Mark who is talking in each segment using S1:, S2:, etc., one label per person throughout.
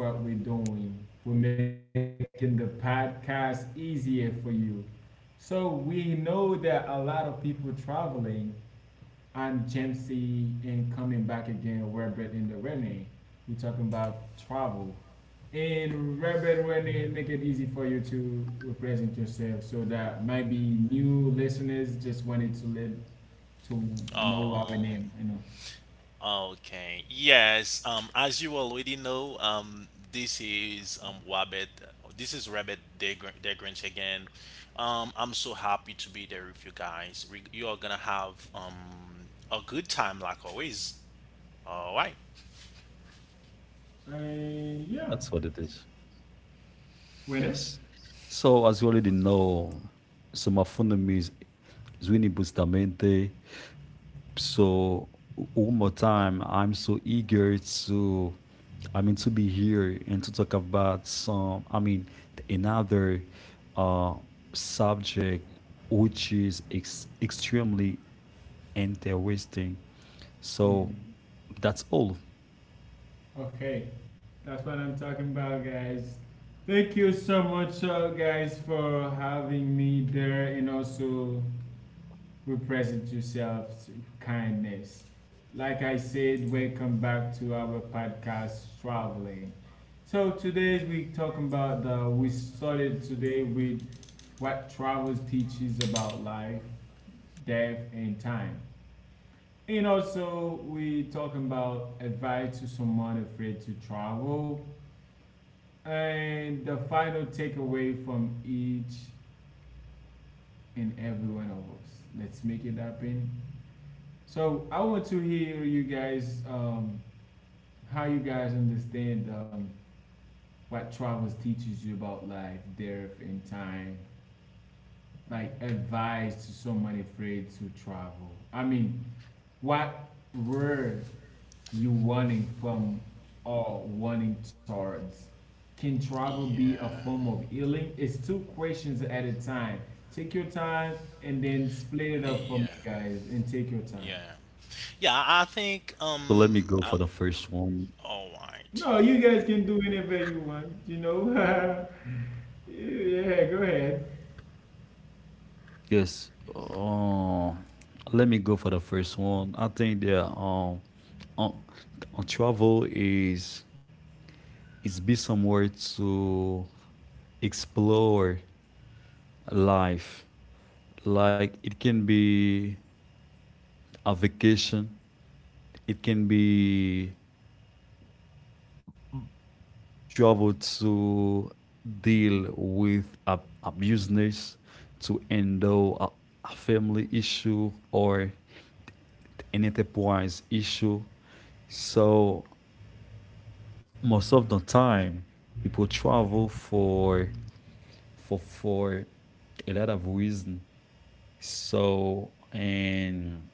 S1: Back. That's what we're doing. We're making the podcast easier for you. So we know that a lot of people traveling. I'm Jamesy and coming back again, Robert and the Renee. We're talking about travel. And Robert Renee, make it easy for you to represent yourself so that maybe new listeners just wanted to let to know our
S2: Oh,
S1: name, you know.
S2: okay. Yes, as you already know, this is Wabbit. This is Rabbit Degrinch again. I'm so happy to be there with you guys. You are gonna have a good time like always. All right.
S1: Yeah.
S3: That's what it is.
S1: Renee?
S3: Yes. So, as you already know, summa fundum is Zwini Bustamante. So, one more time, I'm so eager to, I mean, to be here and to talk about some, I mean, another uh, subject which is extremely interesting. So,
S1: Hmm.
S3: that's all.
S1: Okay, that's what I'm talking about, guys. Thank you so much, guys, for having me there and also represent yourself to kindness. Like I said, welcome back to our podcast, Traveling. So today's we talking about the we started today with what travels teaches about life, death, and time. And also we talking about advice to someone afraid to travel and the final takeaway from each and every one of us. Let's make it happen. So I want to hear you guys, how you guys understand, what travels teaches you about life, death, and time. Like advice to someone afraid to travel. I mean, what were you wanting from or wanting towards. Can travel be a
S2: Yeah,
S1: form of healing? It's two questions at a time. Take your time and then split it up for
S2: yeah,
S1: me, guys, and take your time.
S2: yeah, yeah. I
S3: So,
S2: think
S3: let me go for the first one.
S2: All right.
S1: No, you guys can do whatever you want, you know. Yeah, go ahead.
S3: Yes. Let me go for the first one. I think that on, on travel is be somewhere to explore life. Like it can be a vacation. It can be travel to deal with a business, to handle a family issue or an enterprise issue. So most of the time people travel for a lot of reason. So and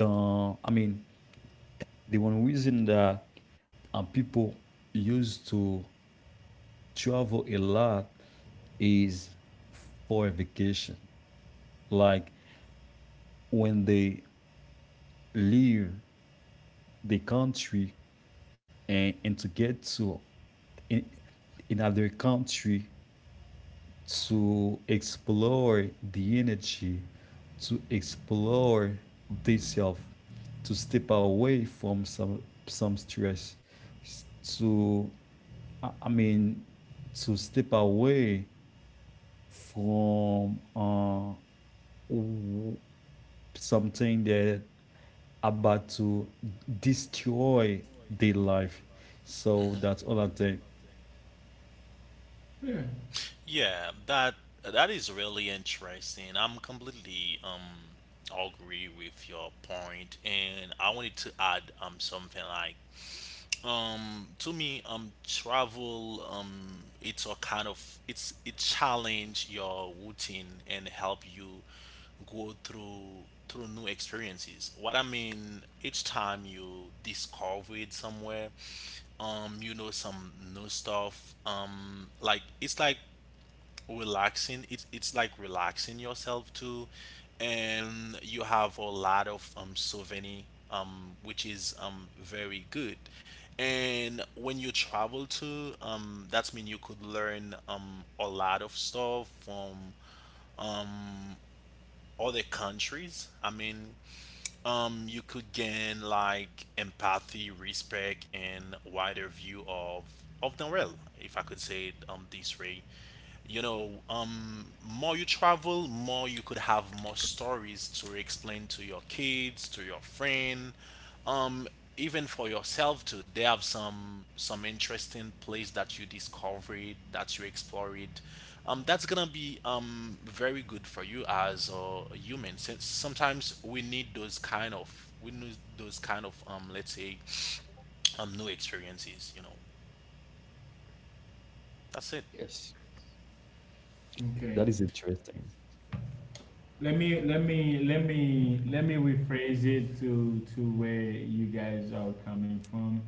S3: the I mean the one reason that people used to travel a lot is for vacation, like when they leave the country and to get to in, another country to explore the energy, to explore the self, to step away from some stress, to I mean to step away from something that about to destroy their life. So that's all I think.
S1: Yeah.
S2: Yeah, that is really interesting. I'm completely agree with your point, and I wanted to add something like, to me, travel, it's a kind of, it challenge your routine and help you go through new experiences. What I mean, each time you discover it somewhere, you know some new stuff. Like it's like relaxing yourself too, and you have a lot of souvenir, which is very good, and when you travel to, that's mean you could learn a lot of stuff from other countries, you could gain like empathy, respect, and wider view of the world, if I could say it this way. More you travel, more you could have more stories to explain to your kids, to your friend, um, even for yourself too. They have some interesting place that you discover it, that you explore it. That's gonna be very good for you as a human. Since sometimes we need those kind of let's say new experiences. You know, that's it.
S3: Yes.
S1: Okay.
S3: That is interesting.
S1: Let me rephrase it to where you guys are coming from.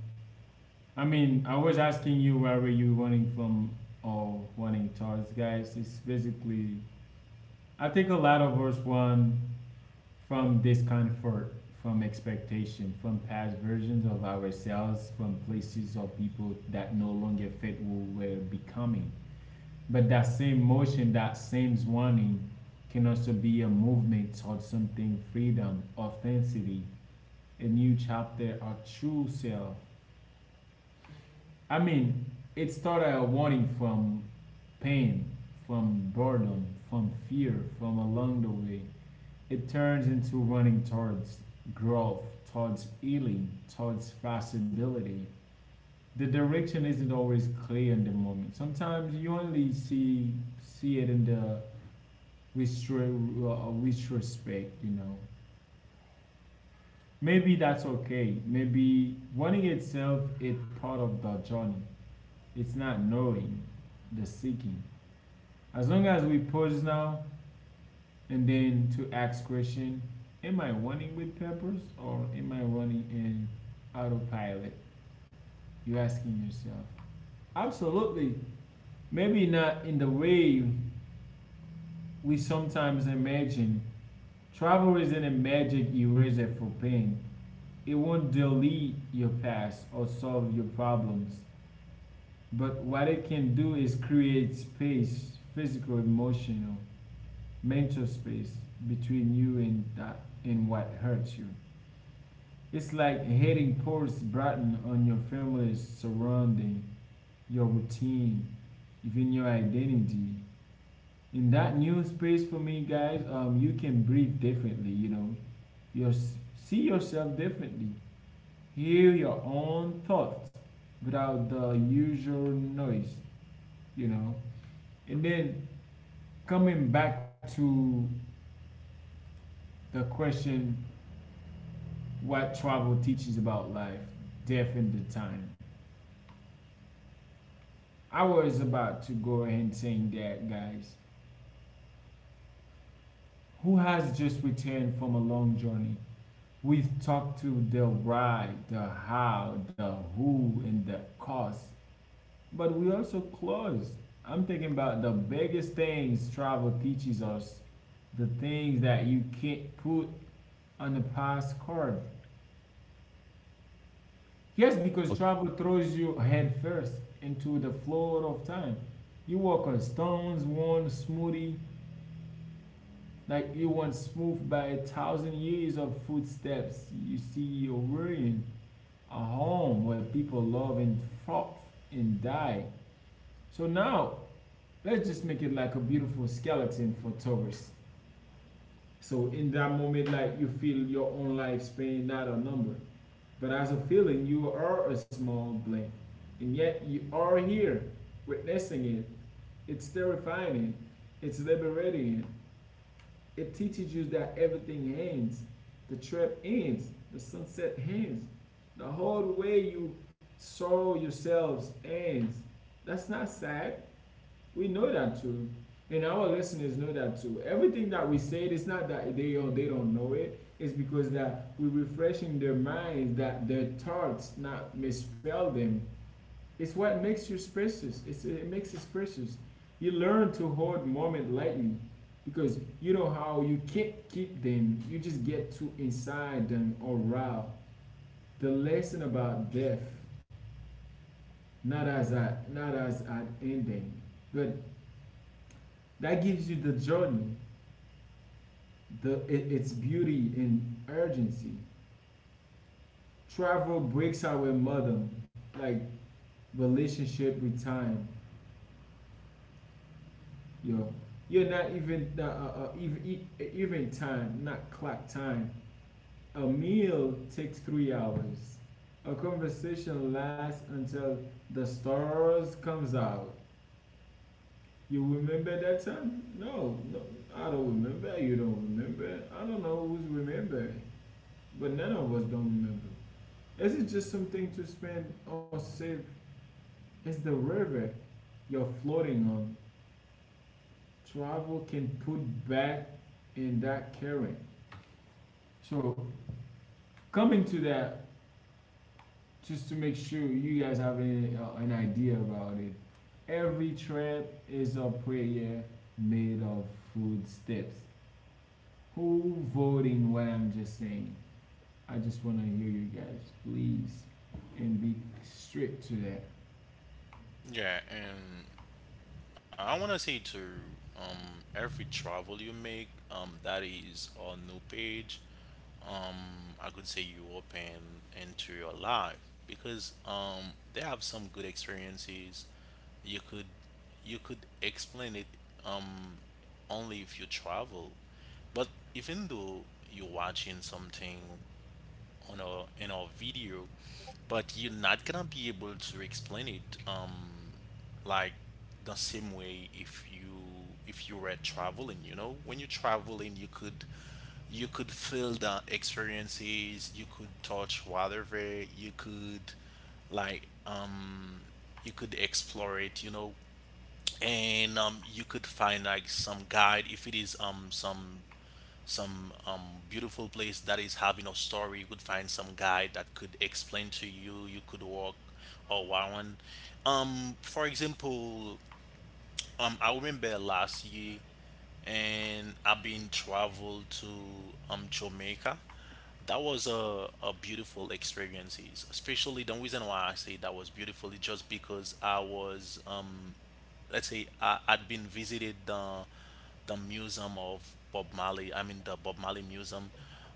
S1: I mean, I was asking you where were you running from or running towards, guys. It's basically, I think a lot of us run from discomfort, from expectation, from past versions of ourselves, from places or people that no longer fit who we're becoming. But that same motion, that same running, can also be a movement towards something freedom, authenticity, a new chapter, our true self. I mean, it started a warning from pain, from boredom, from fear, from along the way. It turns into running towards growth, towards healing, towards possibility. The direction isn't always clear in the moment. Sometimes you only see it in the retro, retrospect, you know. Maybe that's okay. Maybe wanting itself is part of the journey. It's not knowing, the seeking. As long as we pause now and then to ask question, am I running with purpose or am I running in autopilot? You're asking yourself. Absolutely. Maybe not in the way we sometimes imagine. Travel isn't a magic eraser for pain. It won't delete your past or solve your problems. But what it can do is create space, physical, emotional, mental space between you and that and what hurts you. It's like hitting pores broaden on your family's surrounding, your routine, even your identity. In that new space for me, guys, you can breathe differently. You know, you see yourself differently, hear your own thoughts without the usual noise. You know, and then coming back to the question what travel teaches about life, death, and the time. I was about to go ahead and saying that, guys, who has just returned from a long journey. We've talked to the why, the how, the who, and the cost, but we also close. I'm thinking about the biggest things travel teaches us, the things that you can't put on a postcard. Yes, because
S3: Okay.
S1: travel throws you headfirst into the flood of time. You walk on stones, worn smoothly, like you once smoothed by a thousand years of footsteps. You see your ruin, a home where people love and fought and die. So now, let's just make it like a beautiful skeleton for tourists. So in that moment, like you feel your own lifespan, not a number. But as a feeling, you are a small blink. And yet you are here witnessing it. It's terrifying. It's liberating. It teaches you that everything ends. The trip ends. The sunset ends. The whole way you saw yourselves ends. That's not sad. We know that too, and our listeners know that too. Everything that we said, it's not that they do they don't know it. It's because that we're refreshing their minds, that their thoughts, not misspell them. It's what makes you precious. It makes us precious. You learn to hold moment lightly because you know how you can't keep them. You just get too inside them or raw. The lesson about death, not as an ending, but that gives you the journey the it, its beauty and urgency. Travel breaks our modern like relationship with time. Yo, you're not even even even time, not clock time. A meal takes three hours. A conversation lasts until the stars comes out. You remember that time? No, I don't remember. You don't remember. I don't know who's remembering, but none of us don't remember. Isn't just something to spend or save. It's the river you're floating on. Travel can put back in that current. So coming to that, just to make sure you guys have an idea about it. Every trip is a prayer made of footsteps. Who voting what I'm just saying? I just want to hear you guys, please, and be strict to that.
S2: Yeah, and I want to say to, every travel you make, that is a new page. I could say you open into your life because they have some good experiences. You could you could explain it, um, only if you travel, but even though you're watching something on our in our video, but you're not gonna be able to explain it like the same way if you were traveling, you know? When you're traveling, you could feel the experiences, you could touch whatever, like um you could explore it, you know. And you could find like some guide, if it is some beautiful place that is having a story. You could find some guide that could explain to you. You could walk or around. For example, I remember last year, and I've been traveled to Jamaica. That was a beautiful experiences. Especially the reason why I say that was beautiful is just because I was let's say, I'd been visited the museum of Bob Marley. I mean the Bob Marley museum.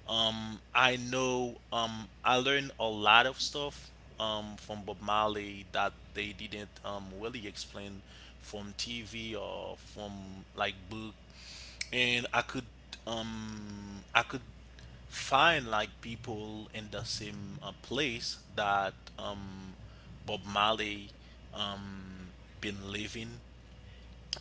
S2: I learned a lot of stuff, from Bob Marley that they didn't, really explain from TV or from like book, and I could find like people in the same place that, Bob Marley, um, been living.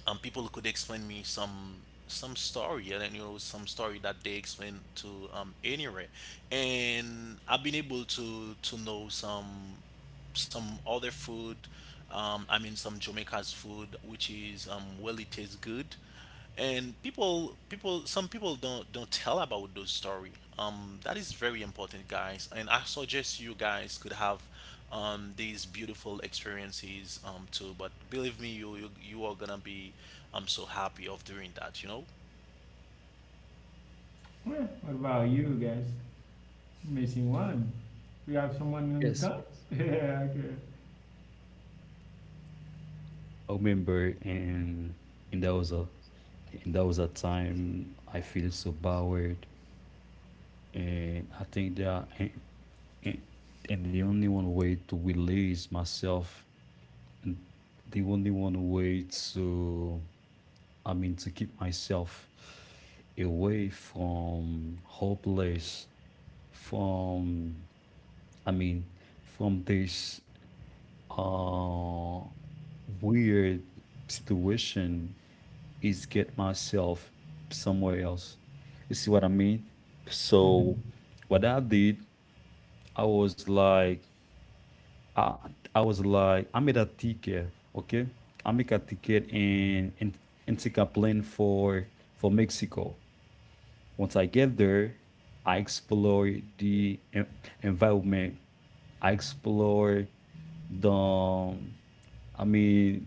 S2: People could explain me some story, and then, you know some story that they explain to anywhere, and I've been able to know some other food. I mean, some Jamaica's food, which is, well, it tastes good. And some people don't tell about those story. That is very important, guys. And I suggest you guys could have, these beautiful experiences, too. But believe me, you are gonna be, so happy of doing that. You know.
S1: Well, what about you guys? Missing one? We have someone who's
S3: Yes.
S1: gone? Yeah, okay.
S3: I remember and that was a and that was a time I feel so powered, and I think that and, and the only one way to release myself, the only one way to I mean to keep myself away from hopeless, from I mean from this uh weird situation is get myself somewhere else. You see what I mean? So
S1: Mhm.
S3: what I did, I was like, I, I made a ticket, okay? I make a ticket and take a plane for Mexico. Once I get there, I explore the environment. I explore the I mean,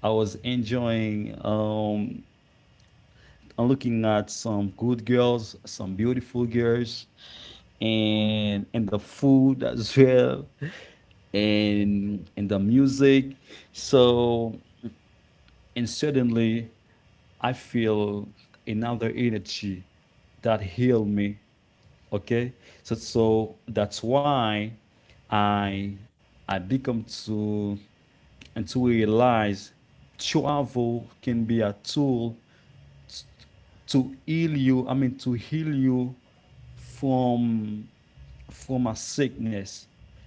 S3: I was enjoying I'm looking at some good girls, some beautiful girls, and the food as well, and the music. So and suddenly, I feel another energy that heal me. Okay, so that's why I I become to and to realize travel can be a tool to heal you, I mean to heal you from from a sickness,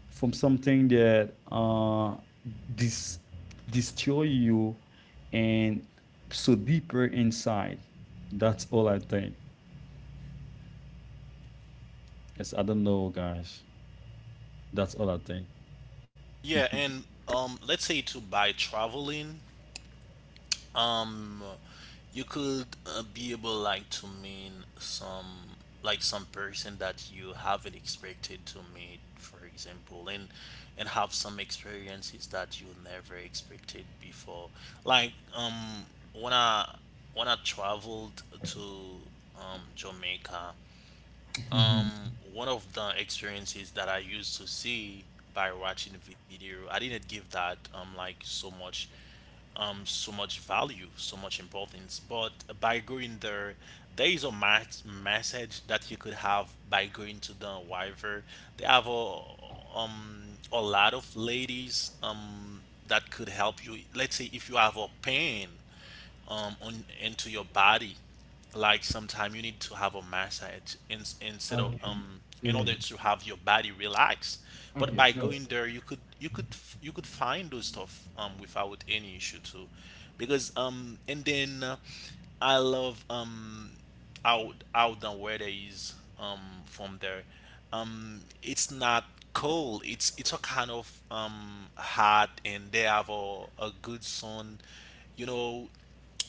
S3: from something that dis- destroy you and so deeper inside. That's all I think. Yes, I don't know, guys. That's all I think.
S2: Yeah, and let's say to by traveling. um you could, be able like to mean some, like some person that you haven't expected to meet, for example, and have some experiences that you never expected before, like, when i when I traveled to Jamaica. um one of the experiences that I used to see by watching the video, I didn't give that, like so much, so much value, so much importance. But by going there, there is a mass message that you could have by going to the Wyver. They have a lot of ladies that could help you. Let's say if you have a pain, on into your body. Like sometimes you need to have a massage in, instead of
S1: Okay.
S2: in
S1: Yeah.
S2: order to have your body relax. But
S1: Okay,
S2: by
S1: so
S2: going there, you could find those stuff without any issue too, because and then I love how the weather is from there. It's not cold. It's a kind of hot, and they have a good sun. You know.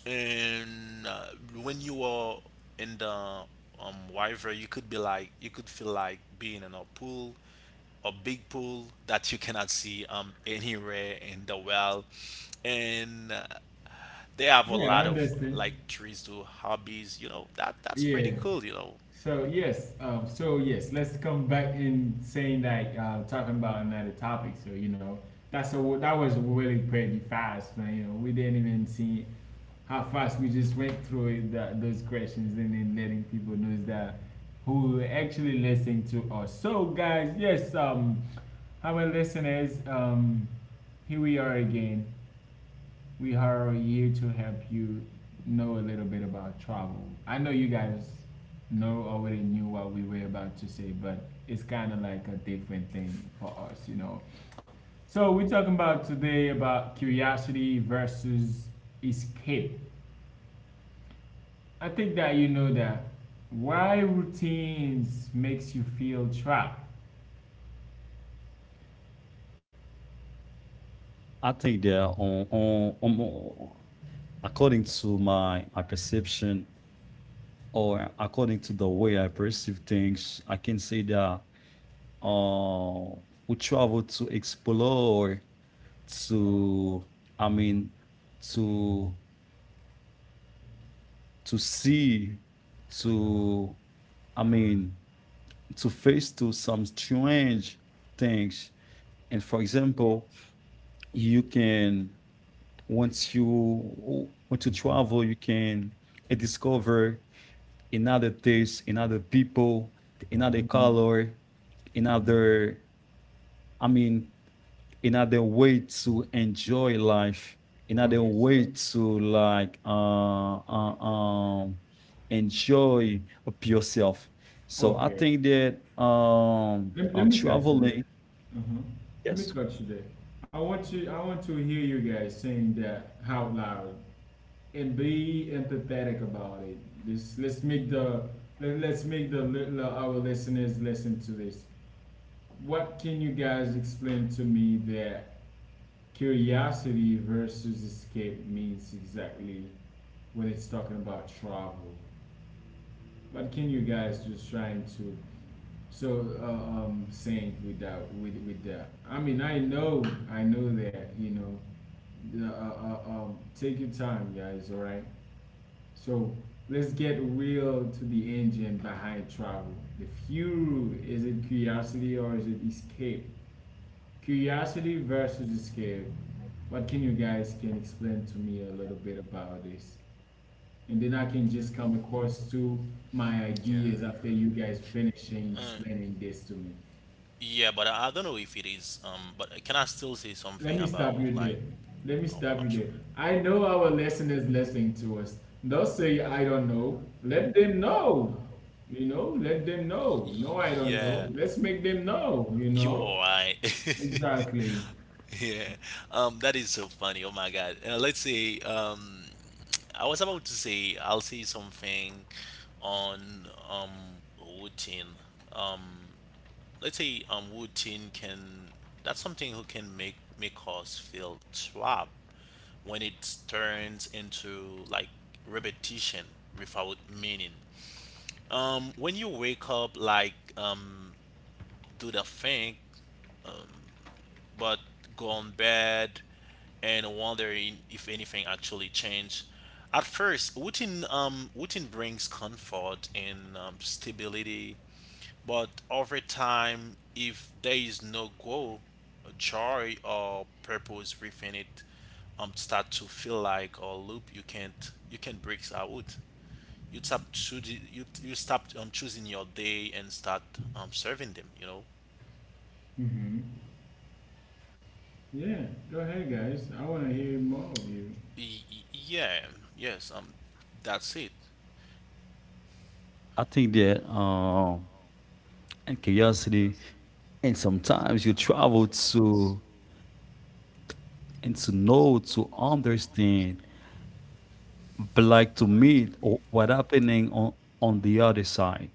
S2: And when you are in the river, you could be like, you could feel like being in a pool, a big pool that you cannot see anywhere in the well, and they have a
S1: yeah, I
S2: lot of
S1: understand.
S2: like trees to hobbies. You know, that's
S1: Yeah.
S2: pretty cool.
S1: So yes, so yes, let's come back in saying that talking about another topic. So you know, that's a that was really pretty fast. Man. You know, we didn't even see how fast we just went through that, those questions and then letting people know that who actually listen to us. So guys, yes, our listeners, here we are again. We are here to help you know a little bit about travel. I know you guys know already knew what we were about to say, but it's kind of like a different thing for us, you know. So we're talking about today about curiosity versus escape. I think that you know that why routines makes you feel trapped.
S3: I think there, are on according to my perception or according to the way I perceive things, I can say that uh, we travel to explore, to I mean, to see, to I mean, to face to some strange things. And for example, you can once you travel, you can discover another taste, another people, another
S1: Mhm.
S3: color, another I mean another way to enjoy life, another
S1: Okay, so
S3: way to like enjoy yourself. So I
S1: okay,
S3: think that
S1: let
S3: on
S1: me cut you there.
S3: traveling,
S1: Uh-huh. Let me
S3: yes,
S1: cut you there. I want you. I want to hear you guys saying that out loud and be empathetic about it. This let's make the let's make the our listeners listen to this. What can you guys explain to me that curiosity versus escape means exactly? When it's talking about travel. But can you guys just trying to so saying without with with that? I mean, I know that you know. Take your time, guys. All right. So let's get real to the engine behind travel. The fuel is it curiosity or is it escape? Curiosity versus escape. What can you guys can explain to me a little bit about this? And then I can just come across to my
S2: Yeah.
S1: ideas after you guys finishing
S2: Uh,
S1: explaining this to me.
S2: yeah, but I don't know if it is, but can I still say
S1: Let
S2: something
S1: me
S2: about,
S1: stop you
S2: like,
S1: there. Let me
S2: oh,
S1: stop
S2: I'm
S1: you there.
S2: sorry.
S1: I know our listeners listening to us. They'll say, I don't know. Let them know. You know, let them know. No, I don't know.
S2: Yeah,
S1: Let's make them know, you
S2: you are
S1: know?
S2: right.
S1: Exactly.
S2: Yeah, that is so funny. Oh my God. Let's say, I was about to say, I'll say something on, routine. Um, let's say, that's something who can make us feel trapped when it turns into like repetition without meaning. When you wake up, like, do the thing but gone bad and wondering if anything actually changed. At first, routine brings comfort and, stability, but over time, if there is no goal, joy or purpose within it, start to feel like a loop you can't you can break out. You stop choosing, you stop choosing your day and start serving them. You know.
S1: Hmm. Yeah, go ahead, guys. I want to hear more of you.
S2: Yeah, yes, that's it.
S3: I think that and curiosity, and sometimes you travel to and to know to understand but like to meet what happening on the other side.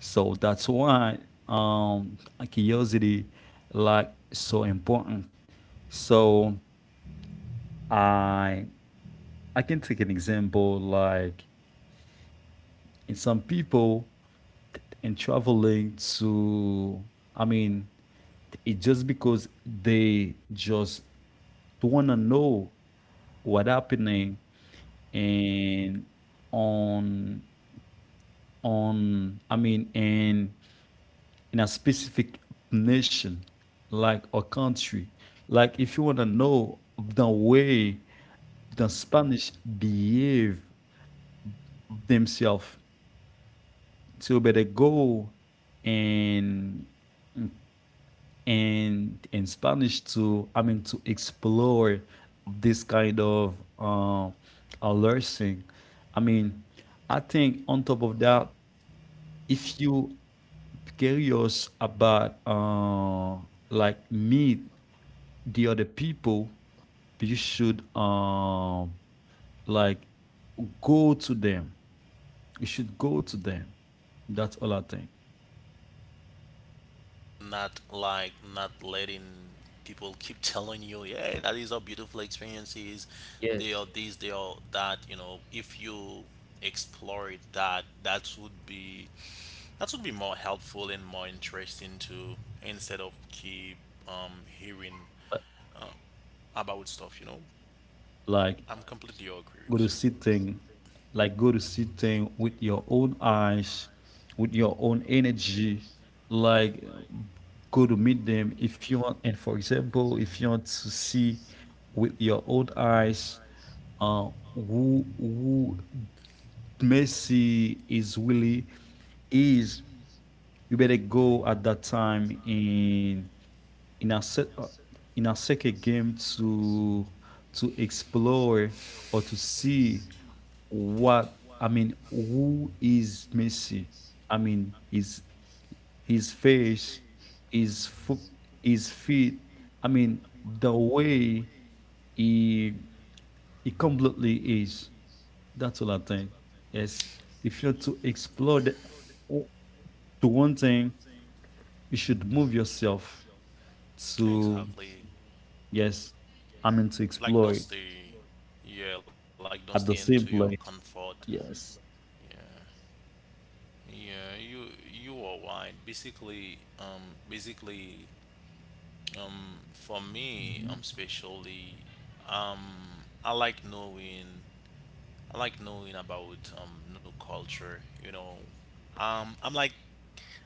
S3: So that's why um, curiosity like so important. So I I can take an example like in some people in traveling to, I mean, it just because they just wanna know what happening and on on I mean and in a specific nation, like a country. Like if you want to know the way the Spanish behave themselves, so you better go and and in Spanish to I mean to explore this kind of learning. I mean, I think on top of that, if you curious about like meat the other people, you should like go to them. You should go to them. That's all I think.
S2: Not like not letting people keep telling you, yeah, that is how beautiful experiences. They
S3: Yes.
S2: are this, they are that. You know, if you explore it, that would be more helpful and more interesting to, instead of keep hearing about stuff. You know,
S3: Like
S2: I'm completely agree
S3: go to
S2: with you.
S3: see thing, like go to see thing with your own eyes, with your own energy. Like go to meet them if you want. And for example, if you want to see with your own eyes, uh, who Messi is really is. You better go at that time in a se- uh, in a second game to explore or to see, what I mean, who is Messi, I mean his face, his foot, his feet, I mean the way he it completely is. That's all I think. Yes. If you're to explore the, to one thing, you should move yourself to,
S2: Exactly.
S3: yes, I mean, to
S2: Like don't
S3: explore it
S2: stay. Yeah, like don't stay
S3: at
S2: into
S3: the
S2: your
S3: same place.
S2: comfort.
S3: Yes.
S2: Yeah. Yeah, you are right. Basically, for me,
S1: Hmm.
S2: especially, I like knowing, I like knowing about new culture. You know, I'm like,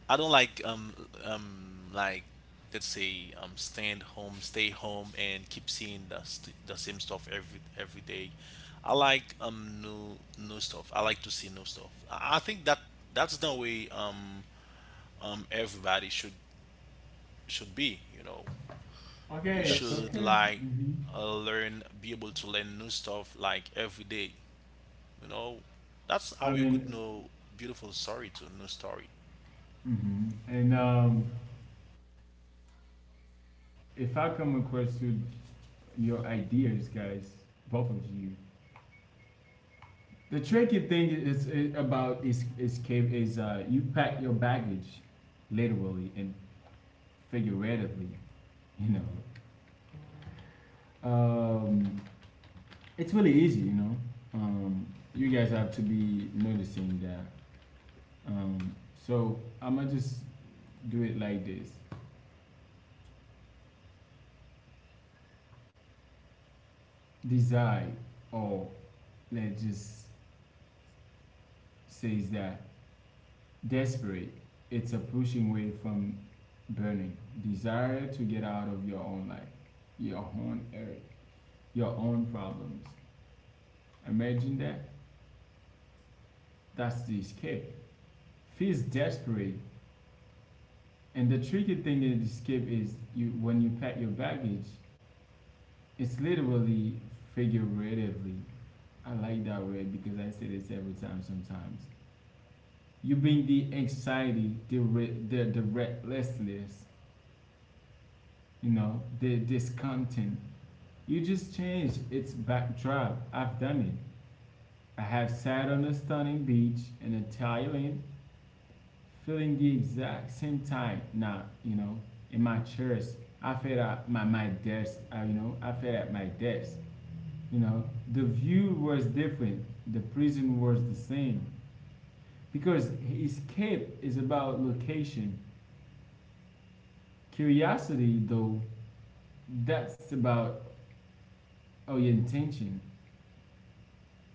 S2: I don't like, like, let's say stand home, stay home, and keep seeing the same stuff every day. I like new stuff. I like to see new stuff. I think that that's the way, everybody should be, you know. You
S1: Okay,
S3: Yes.
S2: should
S1: okay.
S2: like,
S1: Hmm.
S2: learn be able to learn new stuff like every day, you know. That's
S1: I
S2: how you could
S1: mean,
S2: know, beautiful story to new story.
S1: hmm, and if I come across to your ideas, guys, both of you, the tricky thing is about is escape is, you pack your baggage, literally and figuratively. You know, it's really easy. You know, um, you guys have to be noticing that. Um, so I'ma just do it like this: desire, or let's just say that desperate, it's a pushing away from burning desire to get out of your own life, your own earth, your own problems. Imagine that. That's the escape. Feels desperate, and the tricky thing in escape is you when you pack your baggage, it's literally figuratively. I like that word because I say this every time. Sometimes you bring the anxiety, the restlessness, you know, the discontent. You just changed its backdrop. I've done it. I have sat on a stunning beach in Thailand, feeling the exact same time now, you know, in my chairs. I felt at my desk, I, you know, I felt at my desk, you know. The view was different, the prison was the same. Because escape is about location. Curiosity, though, that's about orientation.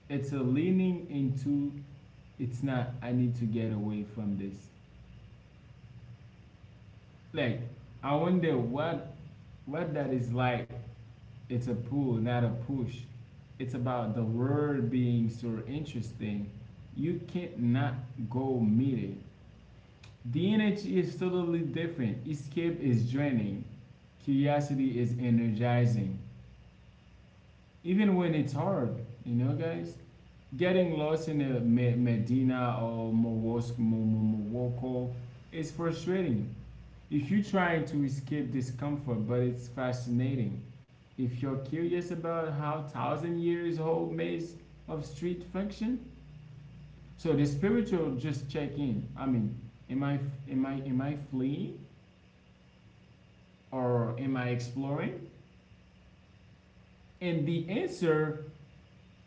S1: It's a leaning into it's not I need to get away from this like I wonder what that is like. It's a pull not a push. It's about the word being so interesting you can't not go meet it. The energy is totally different. Escape is draining, curiosity is energizing even when it's hard, you know, guys, getting lost in a Medina or Morocco is frustrating. If you're trying to escape discomfort, but it's fascinating. If you're curious about how thousand years old maze of street function, so the spiritual just check in. Am I am I fleeing or am I exploring? And the answer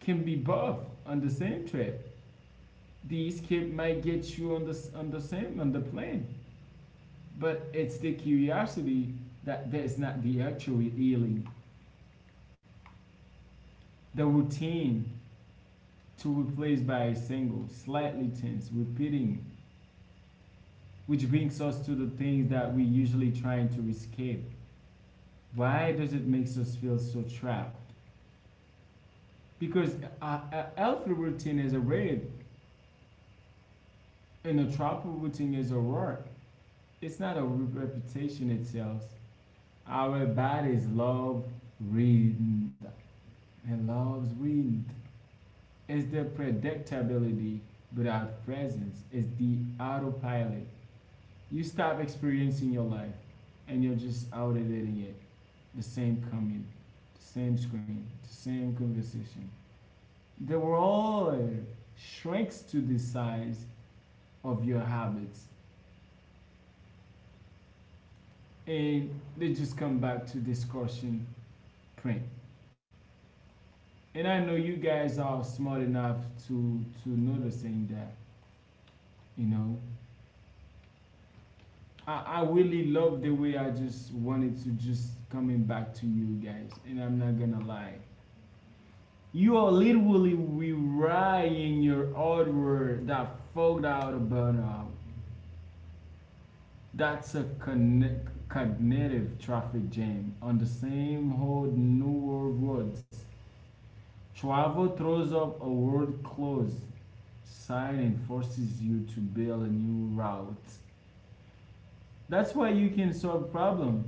S1: can be both on the same trip. These kid might get you on the same on the plane, but it's the curiosity that is not the actual healing. The routine to replace by a single, slightly tense, repeating, which brings us to the things that we usually trying to escape. Why does it make us feel so trapped? Because a healthy routine is a raid, and a trouble routine is a rot. It's not a reputation itself. Our bodies love wind. It loves wind. It's the predictability without presence. It's the autopilot. You stop experiencing your life and you're just out editing it. The same commute, the same screen, the same conversation. The world shrinks to the size of your habits and they just come back to discussion print. And I know you guys are smart enough to noticing that, you know. I really love the way I just wanted to just coming back to you guys, and I'm not gonna lie. You are literally rewriting your artwork that fogged out a burnout. That's a connect, cognitive traffic jam on the same whole new world roads. Chuavo throws up a world-closed sign and forces you to build a new route. That's why you can solve a problem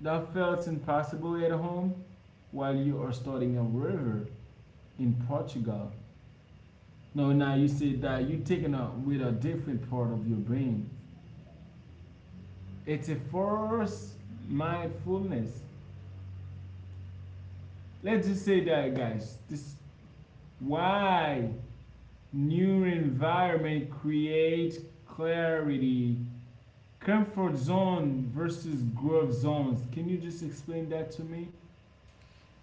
S1: that felt impossible at home while you are studying a river in Portugal. No, now you say that you're taking up with a different part of your brain. It's a forced mindfulness. Let's just say that, guys. This why new environment creates clarity. Comfort zone versus growth zones. Can you just explain that to me?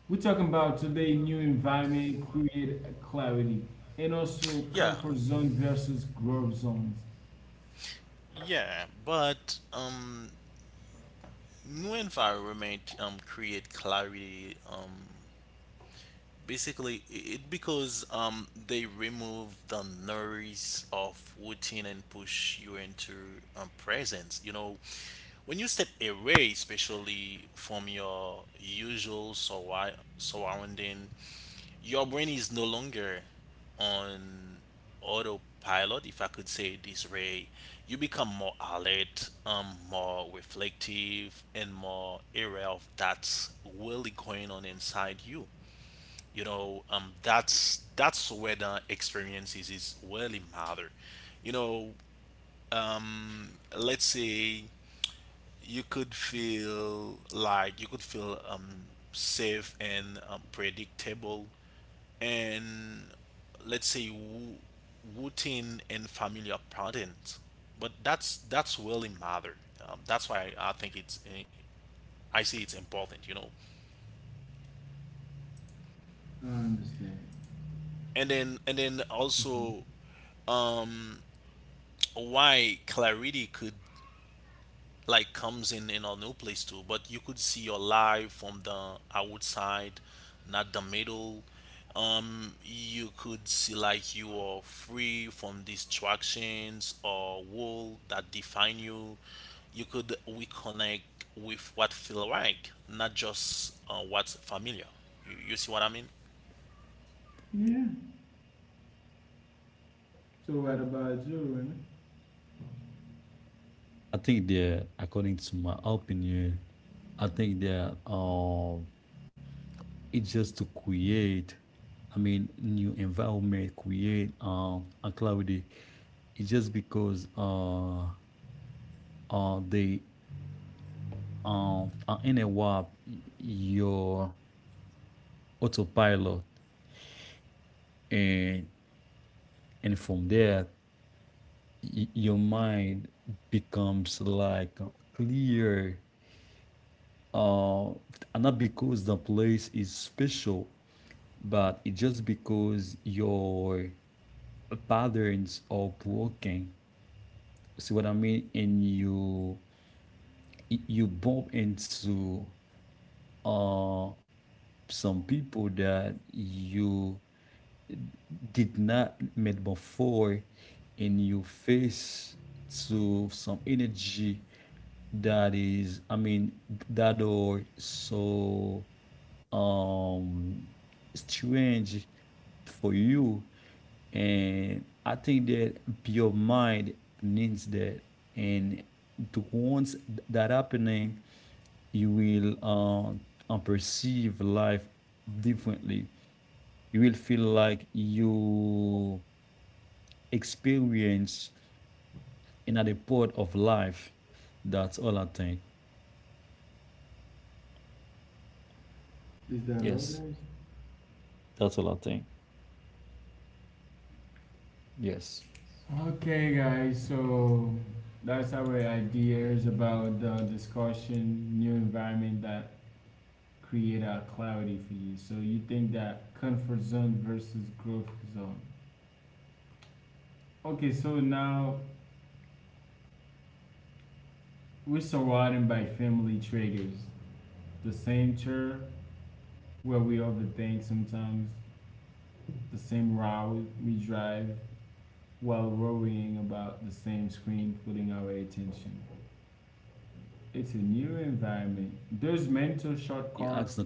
S1: We're talking about today new environment, create clarity, and also
S2: Yeah,
S1: comfort zone versus growth zones.
S2: yeah, but new environment create clarity. Basically, it because they remove the noise of routine and push you into presence. You know, when you step away, especially from your usual surrounding, your brain is no longer on autopilot, if I could say it this way. You become more alert, more reflective, and more aware of that's really going on inside you. You know, that's where the experiences is really matter, you know. Let's say, you could feel safe and, predictable, and let's say routine and familiar patterns, but that's really matter. That's why I think it's, I see it's important, you know.
S1: I understand.
S2: And then,
S1: Mhm.
S2: also why clarity could like comes in a new place too, but you could see your life from the outside, not the middle. You could see like you are free from distractions or world that define you. You could reconnect with what feel right, not just what's familiar. You see what I mean?
S1: Yeah. So what about you, Rene?
S3: I think they're, according to my opinion, I think that it's just to create, I mean, new environment, create a clarity. It's just because they um in a NWAP, your autopilot, and and from there your mind becomes like clear. Uh, and not because the place is special, but it's just because your patterns are broken. See what I mean? And you bump into uh some people that you did not met before and you face to some energy that is, I mean, that are so um strange for you. And I think that your mind needs that. And to once that happening, you will perceive life differently. You will feel like you experience in at the part of life. That's all I think.
S1: Is that all,
S3: Yes,
S1: guys?
S3: that's all I think. Yes.
S1: Okay, guys. So that's our ideas about the discussion, new environment that create out clarity for you. So you think that comfort zone versus growth zone. Okay, so now we're surrounded by family triggers. The same chair where we overthink sometimes, the same route we drive while worrying about the same screen putting our attention. It's a new environment.
S3: You ask the
S1: There's
S3: question
S1: mental
S3: again. And
S1: shortcuts.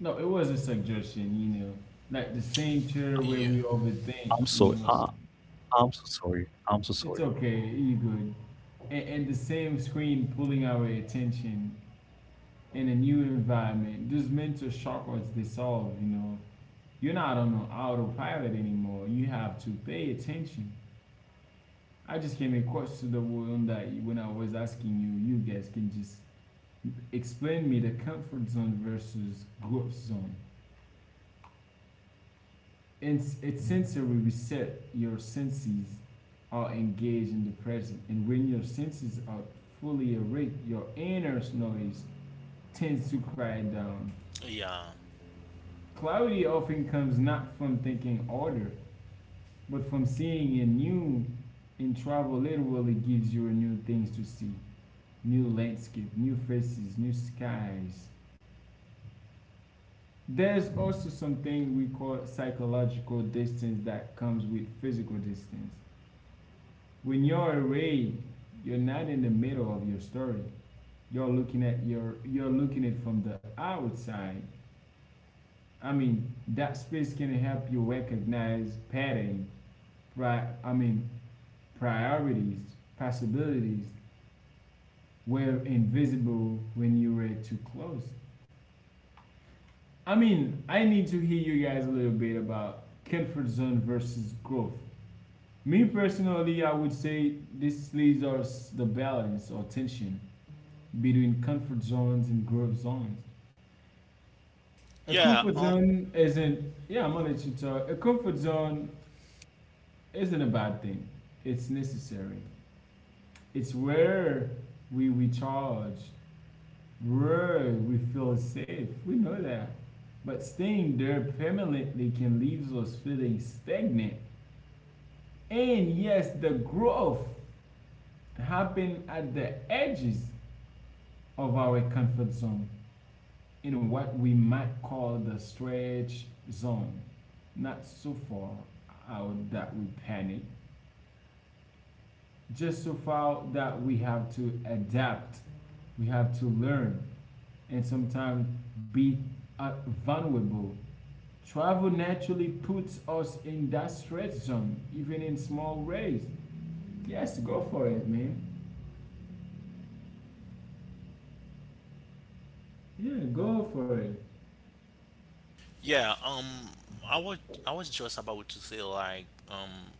S1: No, it was a suggestion, you know. Like the same chair where
S3: I'm
S2: Yeah.
S1: we
S3: sorry. I,
S1: overthink, you know.
S3: I'm so sorry. I'm so sorry.
S1: It's okay, you good. And the same screen pulling our attention in a new environment, those mental shortcuts dissolve, you know. You're not on an autopilot anymore. You have to pay attention. I just came across to the one that when I was asking you, you guys can just explain me the comfort zone versus growth zone. And it's sensory reset. Your senses are engaged in the present, and when your senses are fully awake, your inner noise tends to cry down.
S2: Yeah,
S1: Clarity often comes not from thinking order, but from seeing a new, and travel literally gives you new things to see new landscape, new faces, new skies. There's also something we call psychological distance that comes with physical distance. When you're away, you're not in the middle of your story. You're looking at it from the outside. I mean, that space can help you recognize pattern, I mean, priorities, possibilities were invisible when you were too close. I mean, I need to hear you guys a little bit about comfort zone versus growth. Me personally, I would say this leaves us the balance or tension between comfort zones and growth zones. A
S2: yeah,
S1: comfort zone isn't, yeah, I'm gonna let you talk. A comfort zone isn't a bad thing. It's necessary. It's where we recharge, where we feel safe. We know that. But staying there permanently can leave us feeling stagnant. And yes, the growth happens at the edges of our comfort zone in what we might call the stretch zone. Not so far out that we panic, just so far that we have to adapt, we have to learn, and sometimes be uh, vulnerable. Travel naturally puts us in that stretch zone even in small ways. Yes, go for it, man. Yeah, go for it.
S2: yeah, i was I was just about to say, like,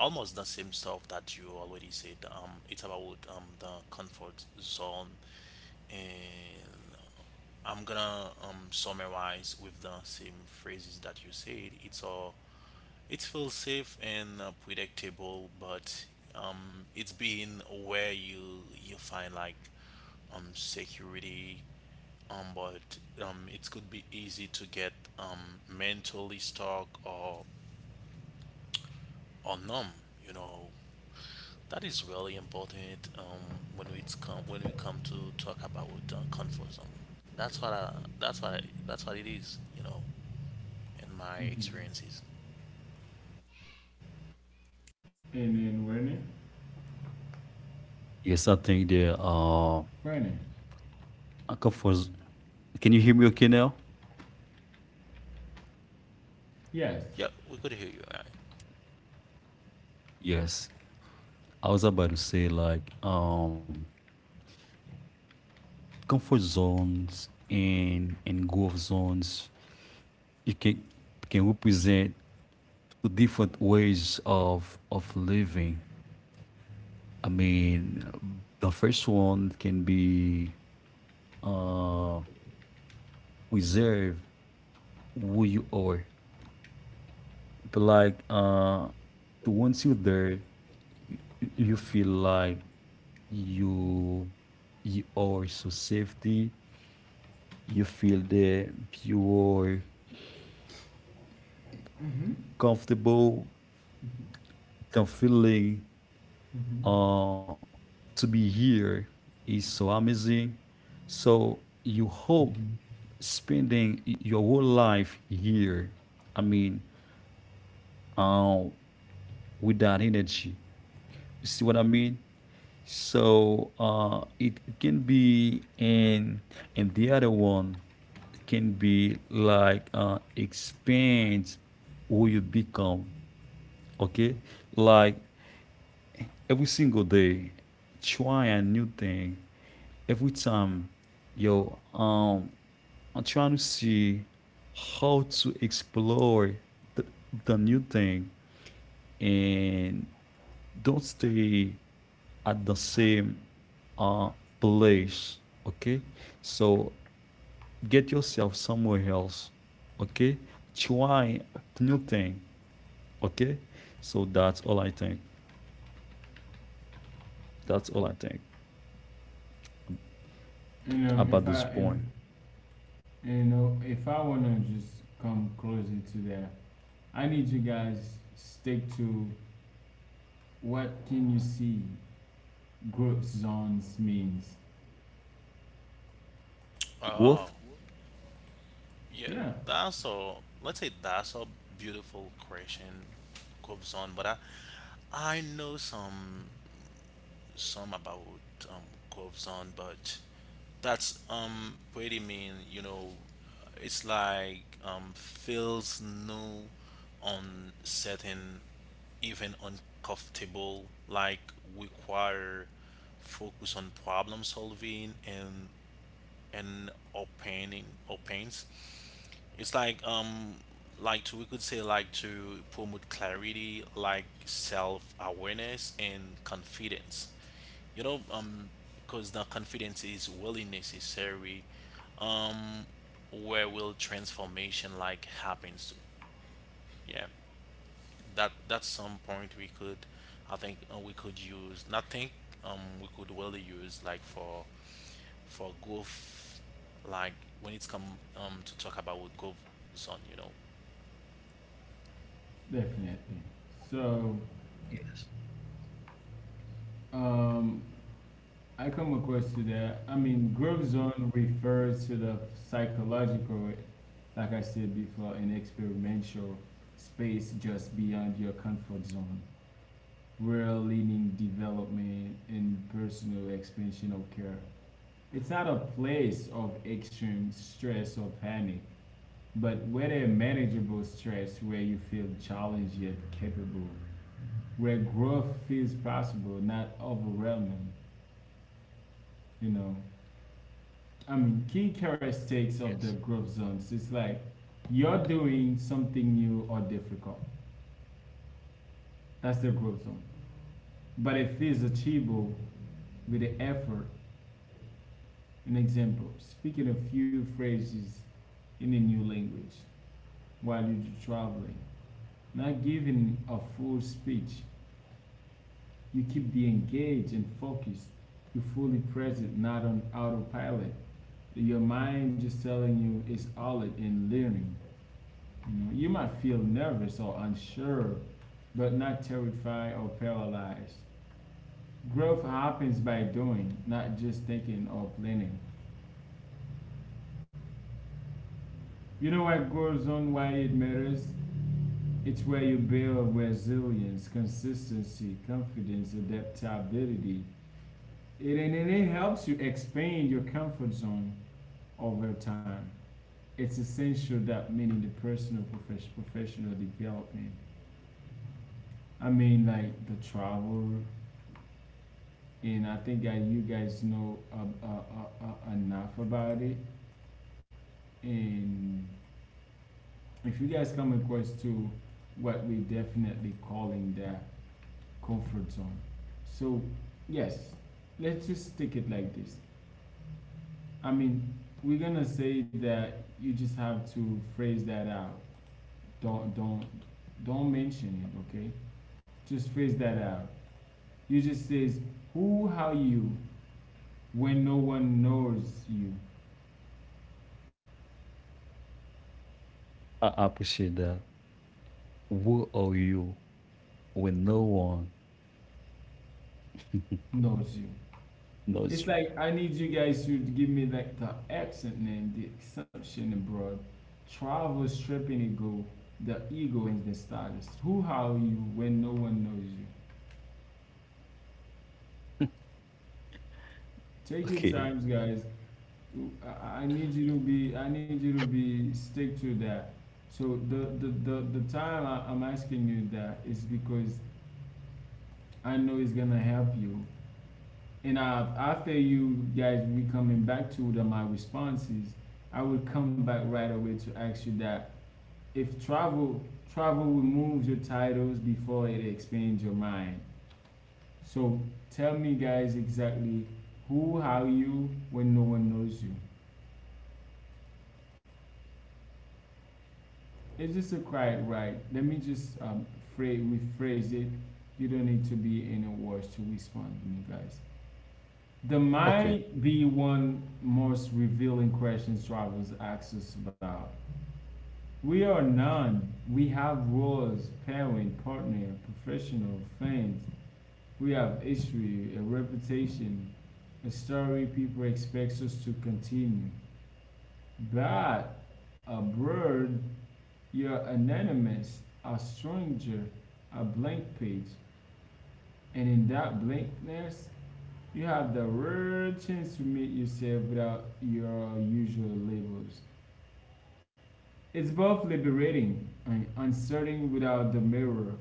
S2: almost the same stuff that you already said. It's about the comfort zone, and I'm gonna summarize with the same phrases that you said. It's all, it feels safe and, predictable, but it's being where you find like security, but it could be easy to get mentally stuck or numb, you know. That is really important, when we come to talk about comfort zone. That's what I, that's what I, that's what it is, you know, in my
S1: Mm-hmm.
S2: experiences.
S1: And then learning,
S3: Yes, I think
S1: learning,
S3: the I come for. Can you hear me okay now?
S1: yes.
S2: Yeah, we could hear you, right?
S3: Yes. I was about to say like comfort zones and growth zones. It can represent the different ways of living, I mean, the first one can be uh reserve who you are. But like to once you're there, you feel like you you are so safety. You feel that you are comfortable. The feeling
S1: Mm-hmm.
S3: uh to be here is so amazing. So you hope spending your whole life here. I mean, uh, with that energy. You see what I mean? So it can be and the other one can be like expand who you become. Okay, like every single day, try a new thing. Every time, yo, I'm trying to see how to explore the, the new thing and don't stay at the same uh, place. Okay, so get yourself somewhere else, okay, try new thing, okay, so that's all I think, that's all I think
S1: And if
S3: about
S1: I
S3: this
S1: if
S3: point.
S1: you know, if I want to just come closer to that, I need you guys stick to what can you see growth zones means?
S3: Growth.
S2: Oh, yeah.
S1: Yeah,
S2: That's a, let's say, that's a beautiful question goes on, but I know some about, um goes on, but that's pretty mean, you know. It's like feels new, uncertain, even uncomfortable. Like require focus on problem solving and opening opens. It's like to, we could say like to promote clarity, like self awareness and confidence. You know, because the confidence is really necessary where will transformation like happens to yeah that that's some point we could I think we could use not think we could really use like for growth like when it's come to talk about with growth zone, you know?
S1: definitely. So um, I come across to that. I mean, growth zone refers to the psychological, like I said before, an experimental space just beyond your comfort zone, where learning, development, and personal expansion occur. It's not a place of extreme stress or panic. But with a manageable stress where you feel challenged yet capable, where growth feels possible, not overwhelming, you know. I mean, key
S3: Yes.
S1: characteristics of the growth zones is like you're doing something new or difficult. That's the growth zone. But it feels achievable with the effort. An example, speaking a few phrases in a new language while you're traveling, not giving a full speech. You keep the engaged and focused. You're fully present, not on autopilot. Your mind just telling you it's all it in learning. You know, you might feel nervous or unsure, but not terrified or paralyzed. Growth happens by doing, not just thinking or planning. You know what goes on, why it matters? It's where you build resilience, consistency, confidence, adaptability. It, and it helps you expand your comfort zone over time. It's essential that meaning the personal profession, professional development. I mean, like the travel, and I think that you guys know enough about it. And if you guys come across to what we definitely calling the comfort zone, so yes, let's just stick it like this. I mean, we're gonna say that you just have to phrase that out. Don't don't don't mention it, okay? Just phrase that out. You just says who, how you, when no one knows you,
S3: I appreciate that. Who are you when no one
S1: knows you.
S3: knows
S1: It's like I need you guys to give me like the accent name, the assumption abroad, travel stripping ego, the ego and the status. Who, how you, when no one knows you.
S3: you?
S1: Take your
S3: Okay.
S1: times, guys. I need you to be. I need you to be stick to that. So the time I'm asking you that is because I know it's gonna help you. And after you guys we coming back to the my responses, I will come back right away to ask you that if travel removes your titles before it expands your mind. So tell me guys exactly who, how you when no one knows you. It's just a quiet right. Let me just phrase, rephrase it. You don't need to be in a rush to respond to me guys. There
S3: Okay.
S1: might be one most revealing question travelers ask us about. We are none. We have roles, parent, partner, professional, fans. We have history, a reputation, a story people expect us to continue. But abroad, you're anonymous, a stranger, a blank page, and in that blankness, you have the rare chance to meet yourself without your usual labels. It's both liberating and uncertain without the mirror.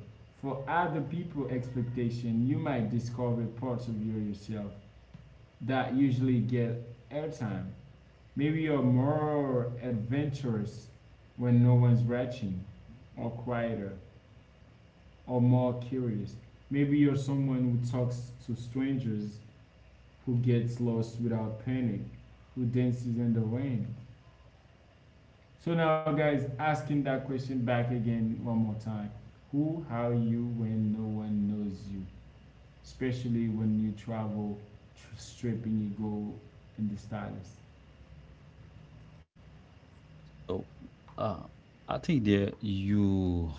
S1: For other people' expectation, you might discover parts of your yourself that usually get airtime. Maybe you're more adventurous when no one's watching, or quieter, or more curious. Maybe you're someone who talks to strangers who gets lost without panic, who dances in the rain. So now, guys, asking that question back again one more time. Who are you when no one knows you? Especially when you travel, stripping ego in the stylist.
S3: So uh I think that you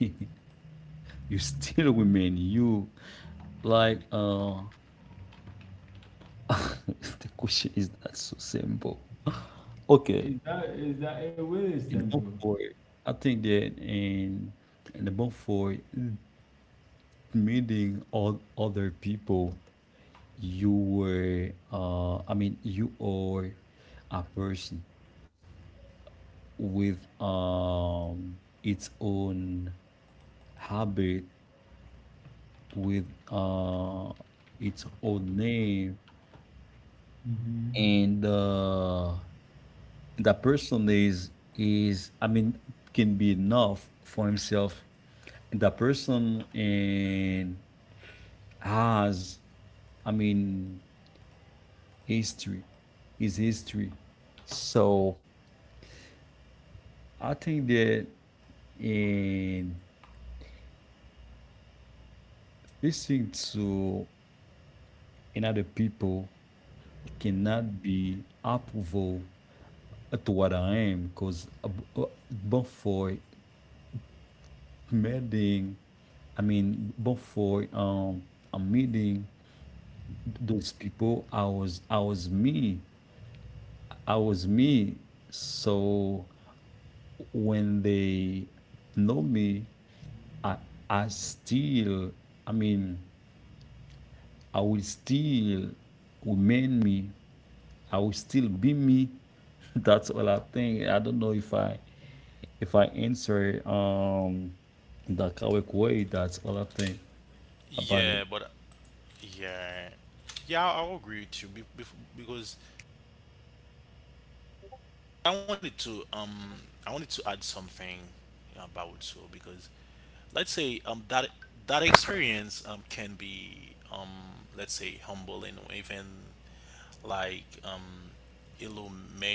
S3: You still women, you like the question is not so simple. Okay.
S1: Is that, is that it really
S3: In the month
S1: simple?
S3: for, I think that in the month for meeting all other people, you were I mean you are a person with its own habit, with uh its own name.
S1: Hmm.
S3: And that person is, I mean, can be enough for himself. The person and has, I mean, history, his history. So I think that in listening to another people cannot be approval to what I am because before meeting, I mean before a meeting those people, I was me. So when they know me, i I still, I mean, I will still remain me, I will still be me. That's all I think. I don't know if I answer the correct way. That's all I think about it.
S2: Yeah, but yeah, yeah, I will agree with you because I wanted to I wanted to add something about so because let's say that that experience can be um let's say humbling even, like um illuminating,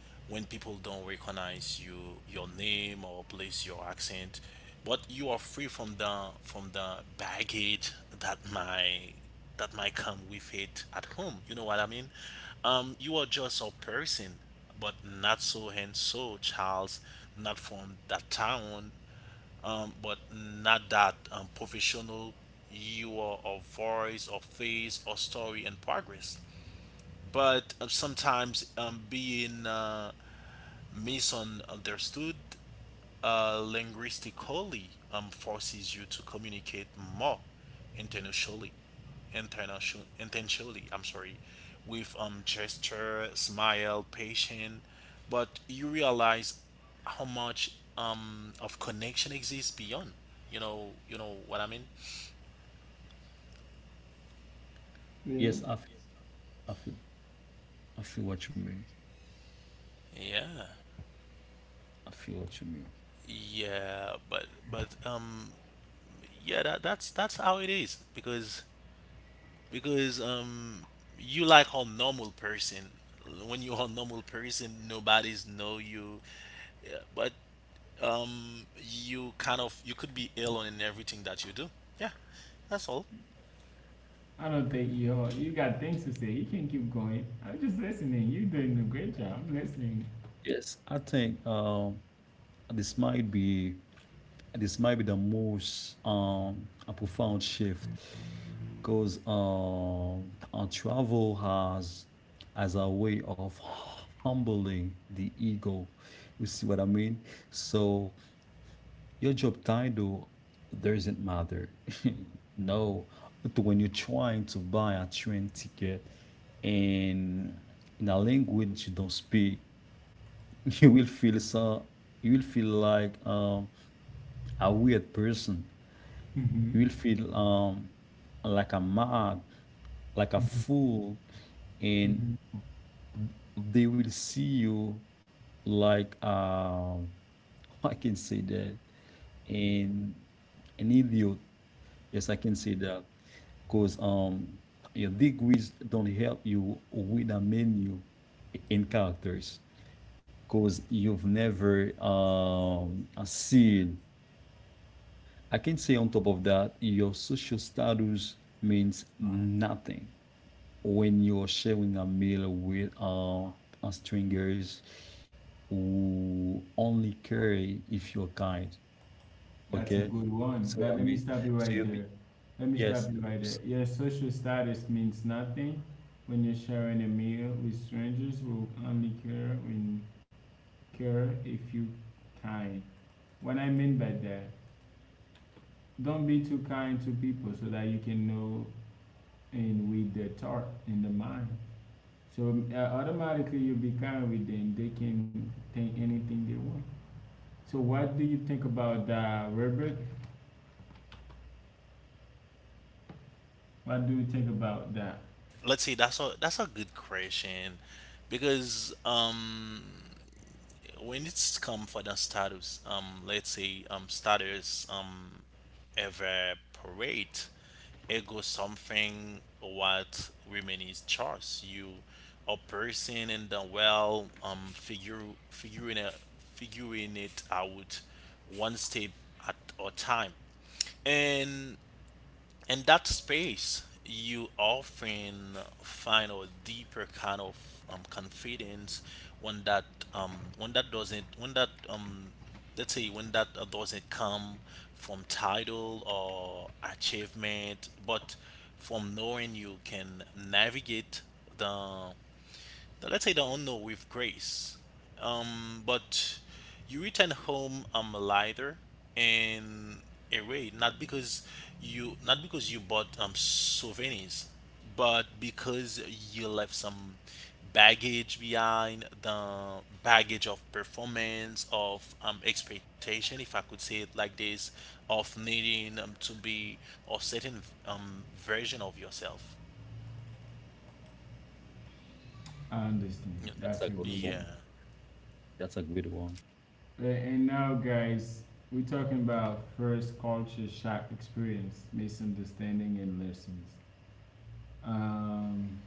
S2: when people don't recognize you, your name or place your accent, but you are free from the baggage that my that might come with it at home, you know what I mean. You are just a person, but not so and so Charles, not from that town, but not that professional you are of voice or face or story and progress. But sometimes being misunderstood linguistically forces you to communicate more internationally, international, intentionally. I'm sorry, with gesture, smile, patience, but you realize how much of connection exists beyond. You know what I mean.
S1: Yeah.
S3: Yes, i feel, I feel what you mean.
S2: Yeah,
S3: I feel what you mean.
S2: yeah, but yeah, that's how it is because because you like a normal person. When you're a normal person, nobody's know you. Yeah, but you kind of you could be ill in everything that you do. Yeah. That's all.
S1: I don't think you got things to say. You can keep going. I'm just listening. You're doing a great job. I'm listening.
S3: Yes, I think this might be this might be the most a profound shift because our travel has as a way of humbling the ego. You see what I mean? So your job title doesn't matter. No, but when you're trying to buy a train ticket in in a language you don't speak, you will feel so, you will feel like a weird person.
S1: Hmm.
S3: You will feel like a mad, like a
S1: Hmm.
S3: fool, and
S1: Hmm.
S3: they will see you like I can say that, and an idiot. Yes, I can say that because your degrees don't help you with a menu in characters because you've never seen. I can say on top of that, your social status means nothing when you're sharing a meal with strangers who only care if you're kind.
S1: That's a
S3: Okay,
S1: good one.
S3: so what
S1: Let
S3: I
S1: me
S3: mean,
S1: stop you
S3: so
S1: right
S3: you mean
S1: there. Let me stop
S3: yes,
S1: you right there.
S3: so
S1: Your social status means nothing when you're sharing a meal with strangers who only care when care if you kind. What I mean by that, don't be too kind to people so that you can know and with their thought in the mind. So automatically you'll be kind with them. They can think anything they want. So what do you think about that, Robert? What do you think about that?
S2: Let's see, that's a good question because when it's come for the status, let's say status evaporate, ego something what women is choice. You a person in the well figure figuring a figuring it out one step at a time. And in that space you often find a deeper kind of confidence when that doesn't when that let's say when that doesn't come from title or achievement but from knowing you can navigate the now, let's say the unknown with grace. But you return home lighter and arrayed, not because you not because you bought souvenirs, but because you left some baggage behind, the baggage of performance, of expectation, if I could say it like this, of needing to be a certain version of yourself.
S1: I understand.
S2: You
S3: that's
S1: That's
S3: a
S1: a
S3: good
S1: good
S3: one.
S1: one.
S2: yeah.
S3: That's a good one.
S1: And now, guys, we're talking about first culture shock experience, misunderstanding, and lessons. Um,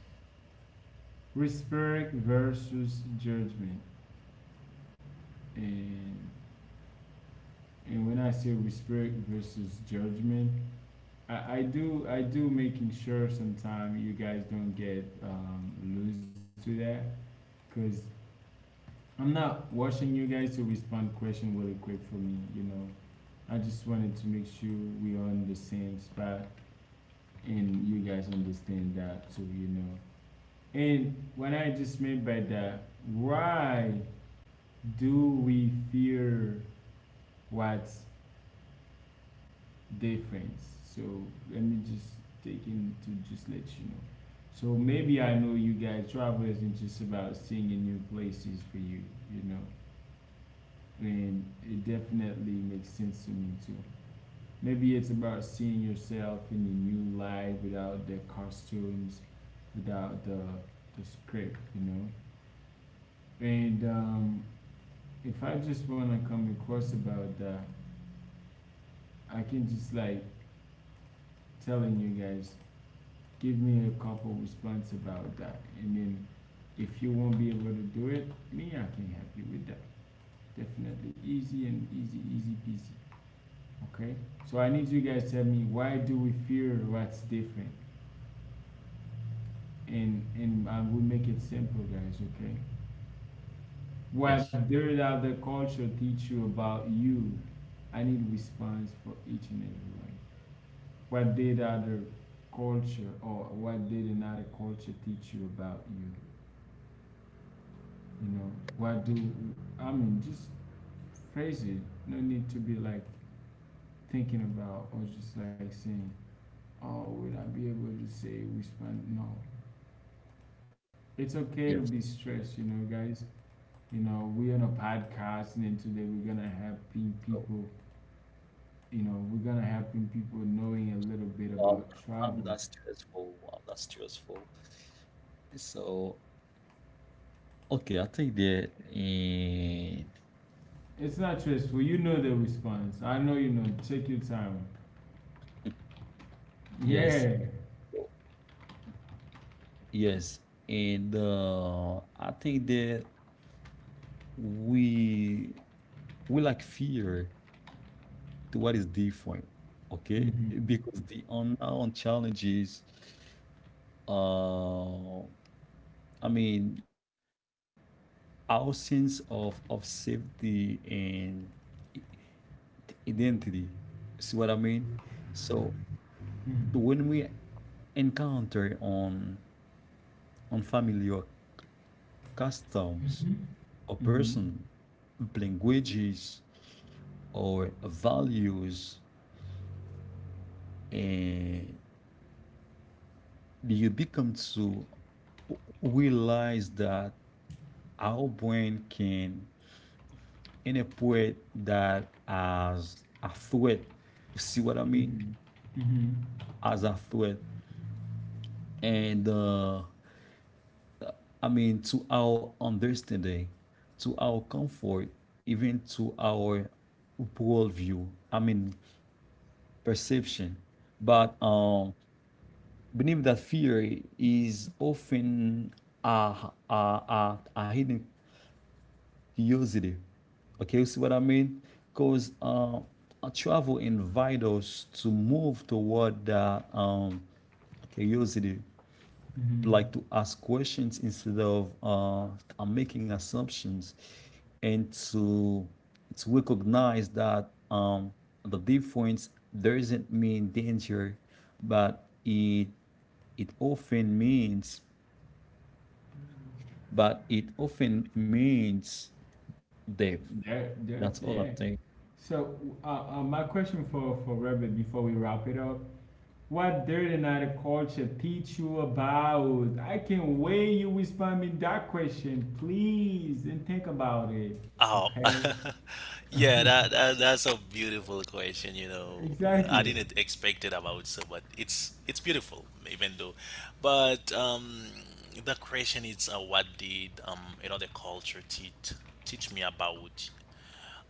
S1: respect versus judgment. And and when I say respect versus judgment, I do, I do making sure sometimes you guys don't get loose to that because I'm not watching you guys to respond question really quick for me. You know, I just wanted to make sure we are in the same spot and you guys understand that so you know. And what I just meant by that, why do we fear what's different? So let me just take in to just let you know. So maybe I know you guys travel isn't just about seeing new places for you, you know. And it definitely makes sense to me too. Maybe it's about seeing yourself in a new light without the costumes, without the script, you know. And If I just want to come across about that, I can just like telling you guys, give me a couple response about that, and then if you won't be able to do it, me I can help you with that. Definitely easy and easy, easy peasy. Okay. So I need you guys to tell me, why do we fear what's different? And I will make it simple, guys. Okay,
S3: Yes,
S1: what did other culture teach you about you? I need response for each and every one. What did other culture, or what did another culture teach you about you? You know, what do I mean? Just phrase it. No need to be like thinking about or just like saying, "Oh, would I be able to say respond?" No, it's okay to be
S3: yes.
S1: stressed, you know, guys. You know, we're on a podcast, and today we're gonna helping
S3: So
S1: people. You know, we're gonna helping people knowing a little bit
S3: um,
S1: about travel.
S3: I'm not stressful. I'm not stressful. So okay, I think that.
S1: It's not stressful. You know the response. I know you know. Take your time.
S3: Yes.
S1: Yeah.
S3: Yes, and I think that we we like fear to what is different, okay?
S1: Mhm.
S3: Because the unknown challenges, uh, I mean, our sense of safety and identity. See what I mean? So
S1: Mhm.
S3: when we encounter on unfamiliar customs or
S1: Mhm.
S3: person, languages, or values, and you become to realize that our brain can interpret that as a threat. You see what I mean?
S1: Mhm. Mhm.
S3: As a threat. And I mean, to our understanding, to our comfort, even to our worldview, I mean, perception. But believe that fear is often a hidden curiosity. Okay, you see what I mean? Because travel invite us to move toward the curiosity,
S1: Mhm.
S3: like to ask questions instead of making assumptions, and to recognize that the difference doesn't mean danger, but it often means, it often means death.
S1: That that's
S3: That's all
S1: yeah.
S3: I'm saying.
S1: So, my question for Rebbe before we wrap it up, what Dirty Night Culture teach you about? I can't wait you respond me that question, please, and think about it,
S2: Oh,
S1: okay?
S2: yeah, that that's a beautiful question. You know, I
S1: Exactly.
S2: didn't expect it about so, but it's beautiful, even though. But the question is, what did another culture teach me about?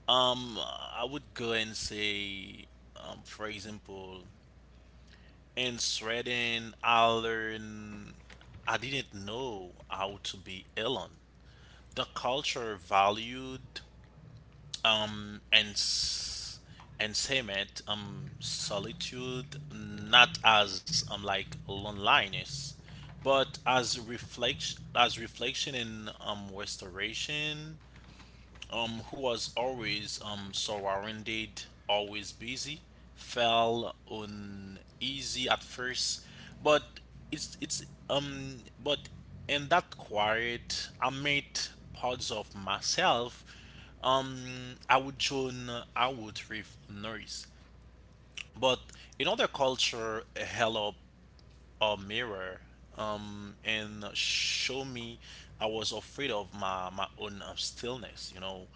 S2: I would go and say, for example, in Sweden, I learned I didn't know how to be alone. The culture valued um and s- and cement solitude, not as like loneliness but as reflection, as reflection in restoration. Who was always surrounded, always busy, felt uneasy at first, but it's but in that quiet, I met parts of myself. I would join, I would with noise, but in other culture, help a mirror and show me I was afraid of my own stillness. You know,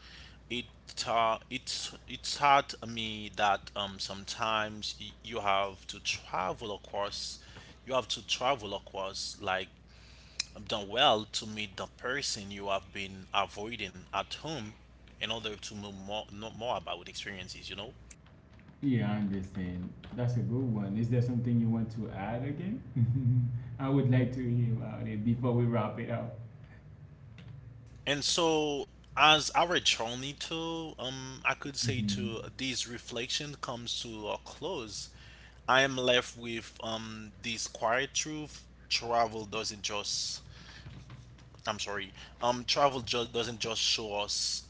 S2: it it taught me that sometimes you have to travel across, you have to travel across like the world to meet the person you have been avoiding at home in order to know more about experiences. You know.
S1: Yeah, I understand. That's a good one. Is there something you want to add again? I would like to hear about it before we wrap it up.
S2: And so, as our journey to, I could say
S1: Mm-hmm.
S2: to this reflection comes to a close, I am left with this quiet truth: travel doesn't just, I'm sorry, travel just doesn't just show us,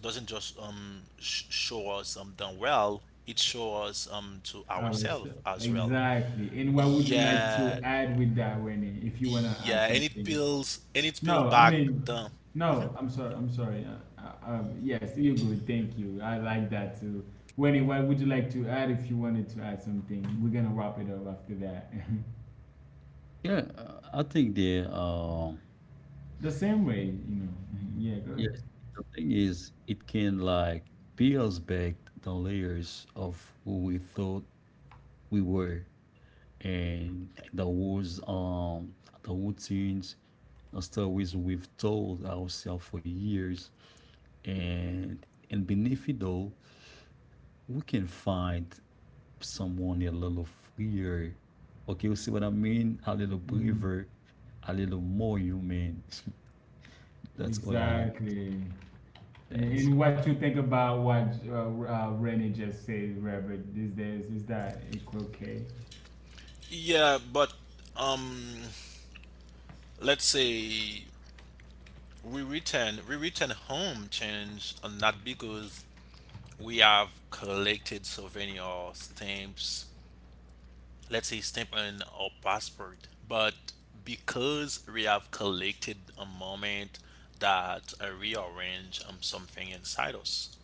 S2: doesn't just show us done well. It shows us to ourselves
S1: Ourselves.
S2: as well.
S1: Exactly. And what would you like to
S2: Yeah,
S1: add with that, Winnie, if you want to add
S2: yeah,
S1: something?
S2: and it feels
S1: No,
S2: bad.
S1: I mean, no, I'm sorry, I'm sorry. Yes, you're good. Thank you. I like that too. Wendy, what would you like to add if you wanted to add something? We're gonna wrap it up after that.
S3: Yeah, I think the
S1: The same way, you know. Mhm. Yeah, go ahead.
S3: yes, the thing is, it can like peels back the layers of who we thought we were, and the wars, the routines, the stories we've told ourselves for years, and beneath it all, we can find someone a little freer. Okay, you see what I mean? A little
S1: Hmm.
S3: braver, a little more human. That's all I had.
S1: Exactly. And,
S3: That's
S1: and what you think about what Renee just said, Robert, these days, is that it okay?
S2: Yeah, but um let's say we return home change, not because we have collected souvenir or stamps, let's say stamp on our passport, but because we have collected a moment that rearrange something inside us,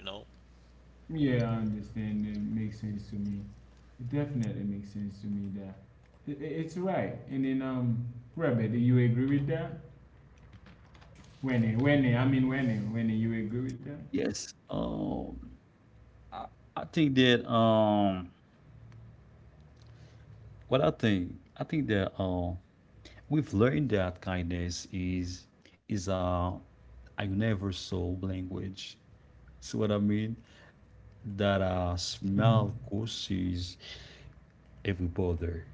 S2: you know.
S1: Yeah, I understand. It makes sense to me. It definitely makes sense to me that it's right. And then, Robert, do you agree with that? I mean, when you agree with that?
S3: yes. I, I think that what I think that we've learned that kindness is a universal language. See what I mean? That a
S1: Mhm.
S3: smell causes every bother.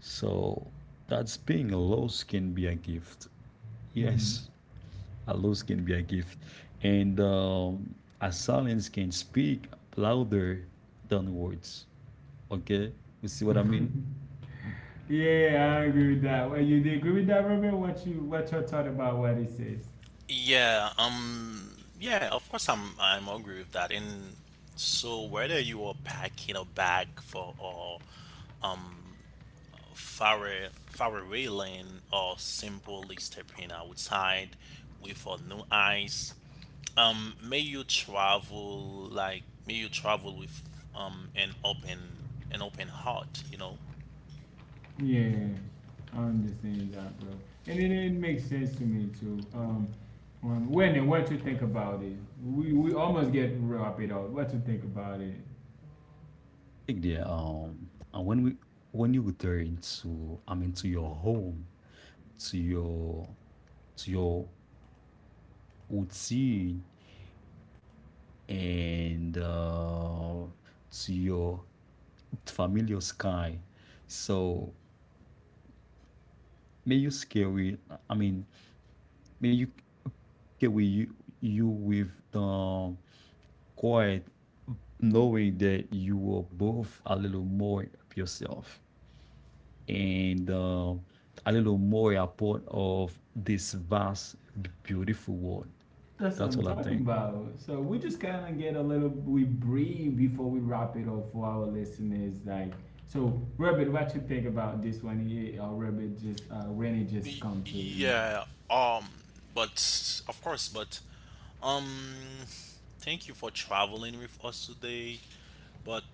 S3: So that's being a loss can be a gift.
S1: Mhm.
S3: Yes, a loss can be a gift, and a silence can speak louder than words. Okay, you see what I mean?
S1: Yeah, I agree with that. Well, you do agree with that, Robert? What your thought about what it says?
S2: Yeah, yeah, of course, I'm agree with that. And so whether you are packing a bag for or um Farre Farrellan or simply stepping outside with a new eyes. May you travel like may you travel with um an open an open heart, you know.
S1: Yeah, I understand that, bro. And then it makes sense to me too. When what you think about it? We almost get wrap it up. What you think about it?
S3: Like the and when you return to, I mean, to your home, to your to your routine, and to your familiar sky. So may you scary. I mean, may you carry you, with the quiet, knowing that you are both a little more of yourself and a little more a part of this vast, beautiful world.
S1: That's what
S3: That's
S1: I'm
S3: all I
S1: talking
S3: think.
S1: about. So we just kind of get a little, we breathe before we wrap it up for our listeners. Like, so Robert, what you think about this one? Yeah, or Robert just, Rennie just
S2: Y-
S1: come to.
S2: Yeah. Um. But of course, but um. Thank you for traveling with us today. But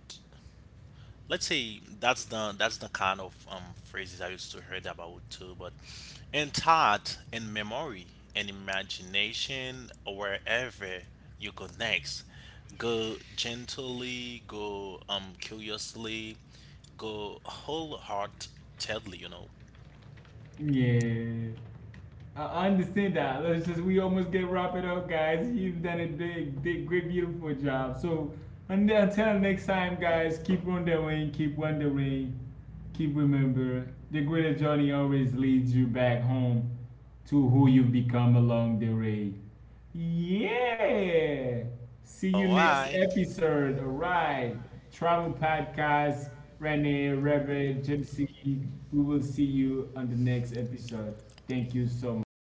S2: let's say that's the kind of phrases I used to heard about too. But in thought, in memory, in imagination, wherever you go next, go gently, go curiously, go wholeheartedly. You know.
S1: Yeah. I understand that. Let's just we almost get wrap it up, guys. You've done a big, big, great, beautiful job. So until next time, guys, keep wondering, keep wondering, keep remember the greater journey always leads you back home to who you've become along the way. Yeah. See you
S2: All
S1: next
S2: right.
S1: episode. All right. Travel podcast. Renee, Reverend, Gypsy. We will see you on the next episode. Thank you so much.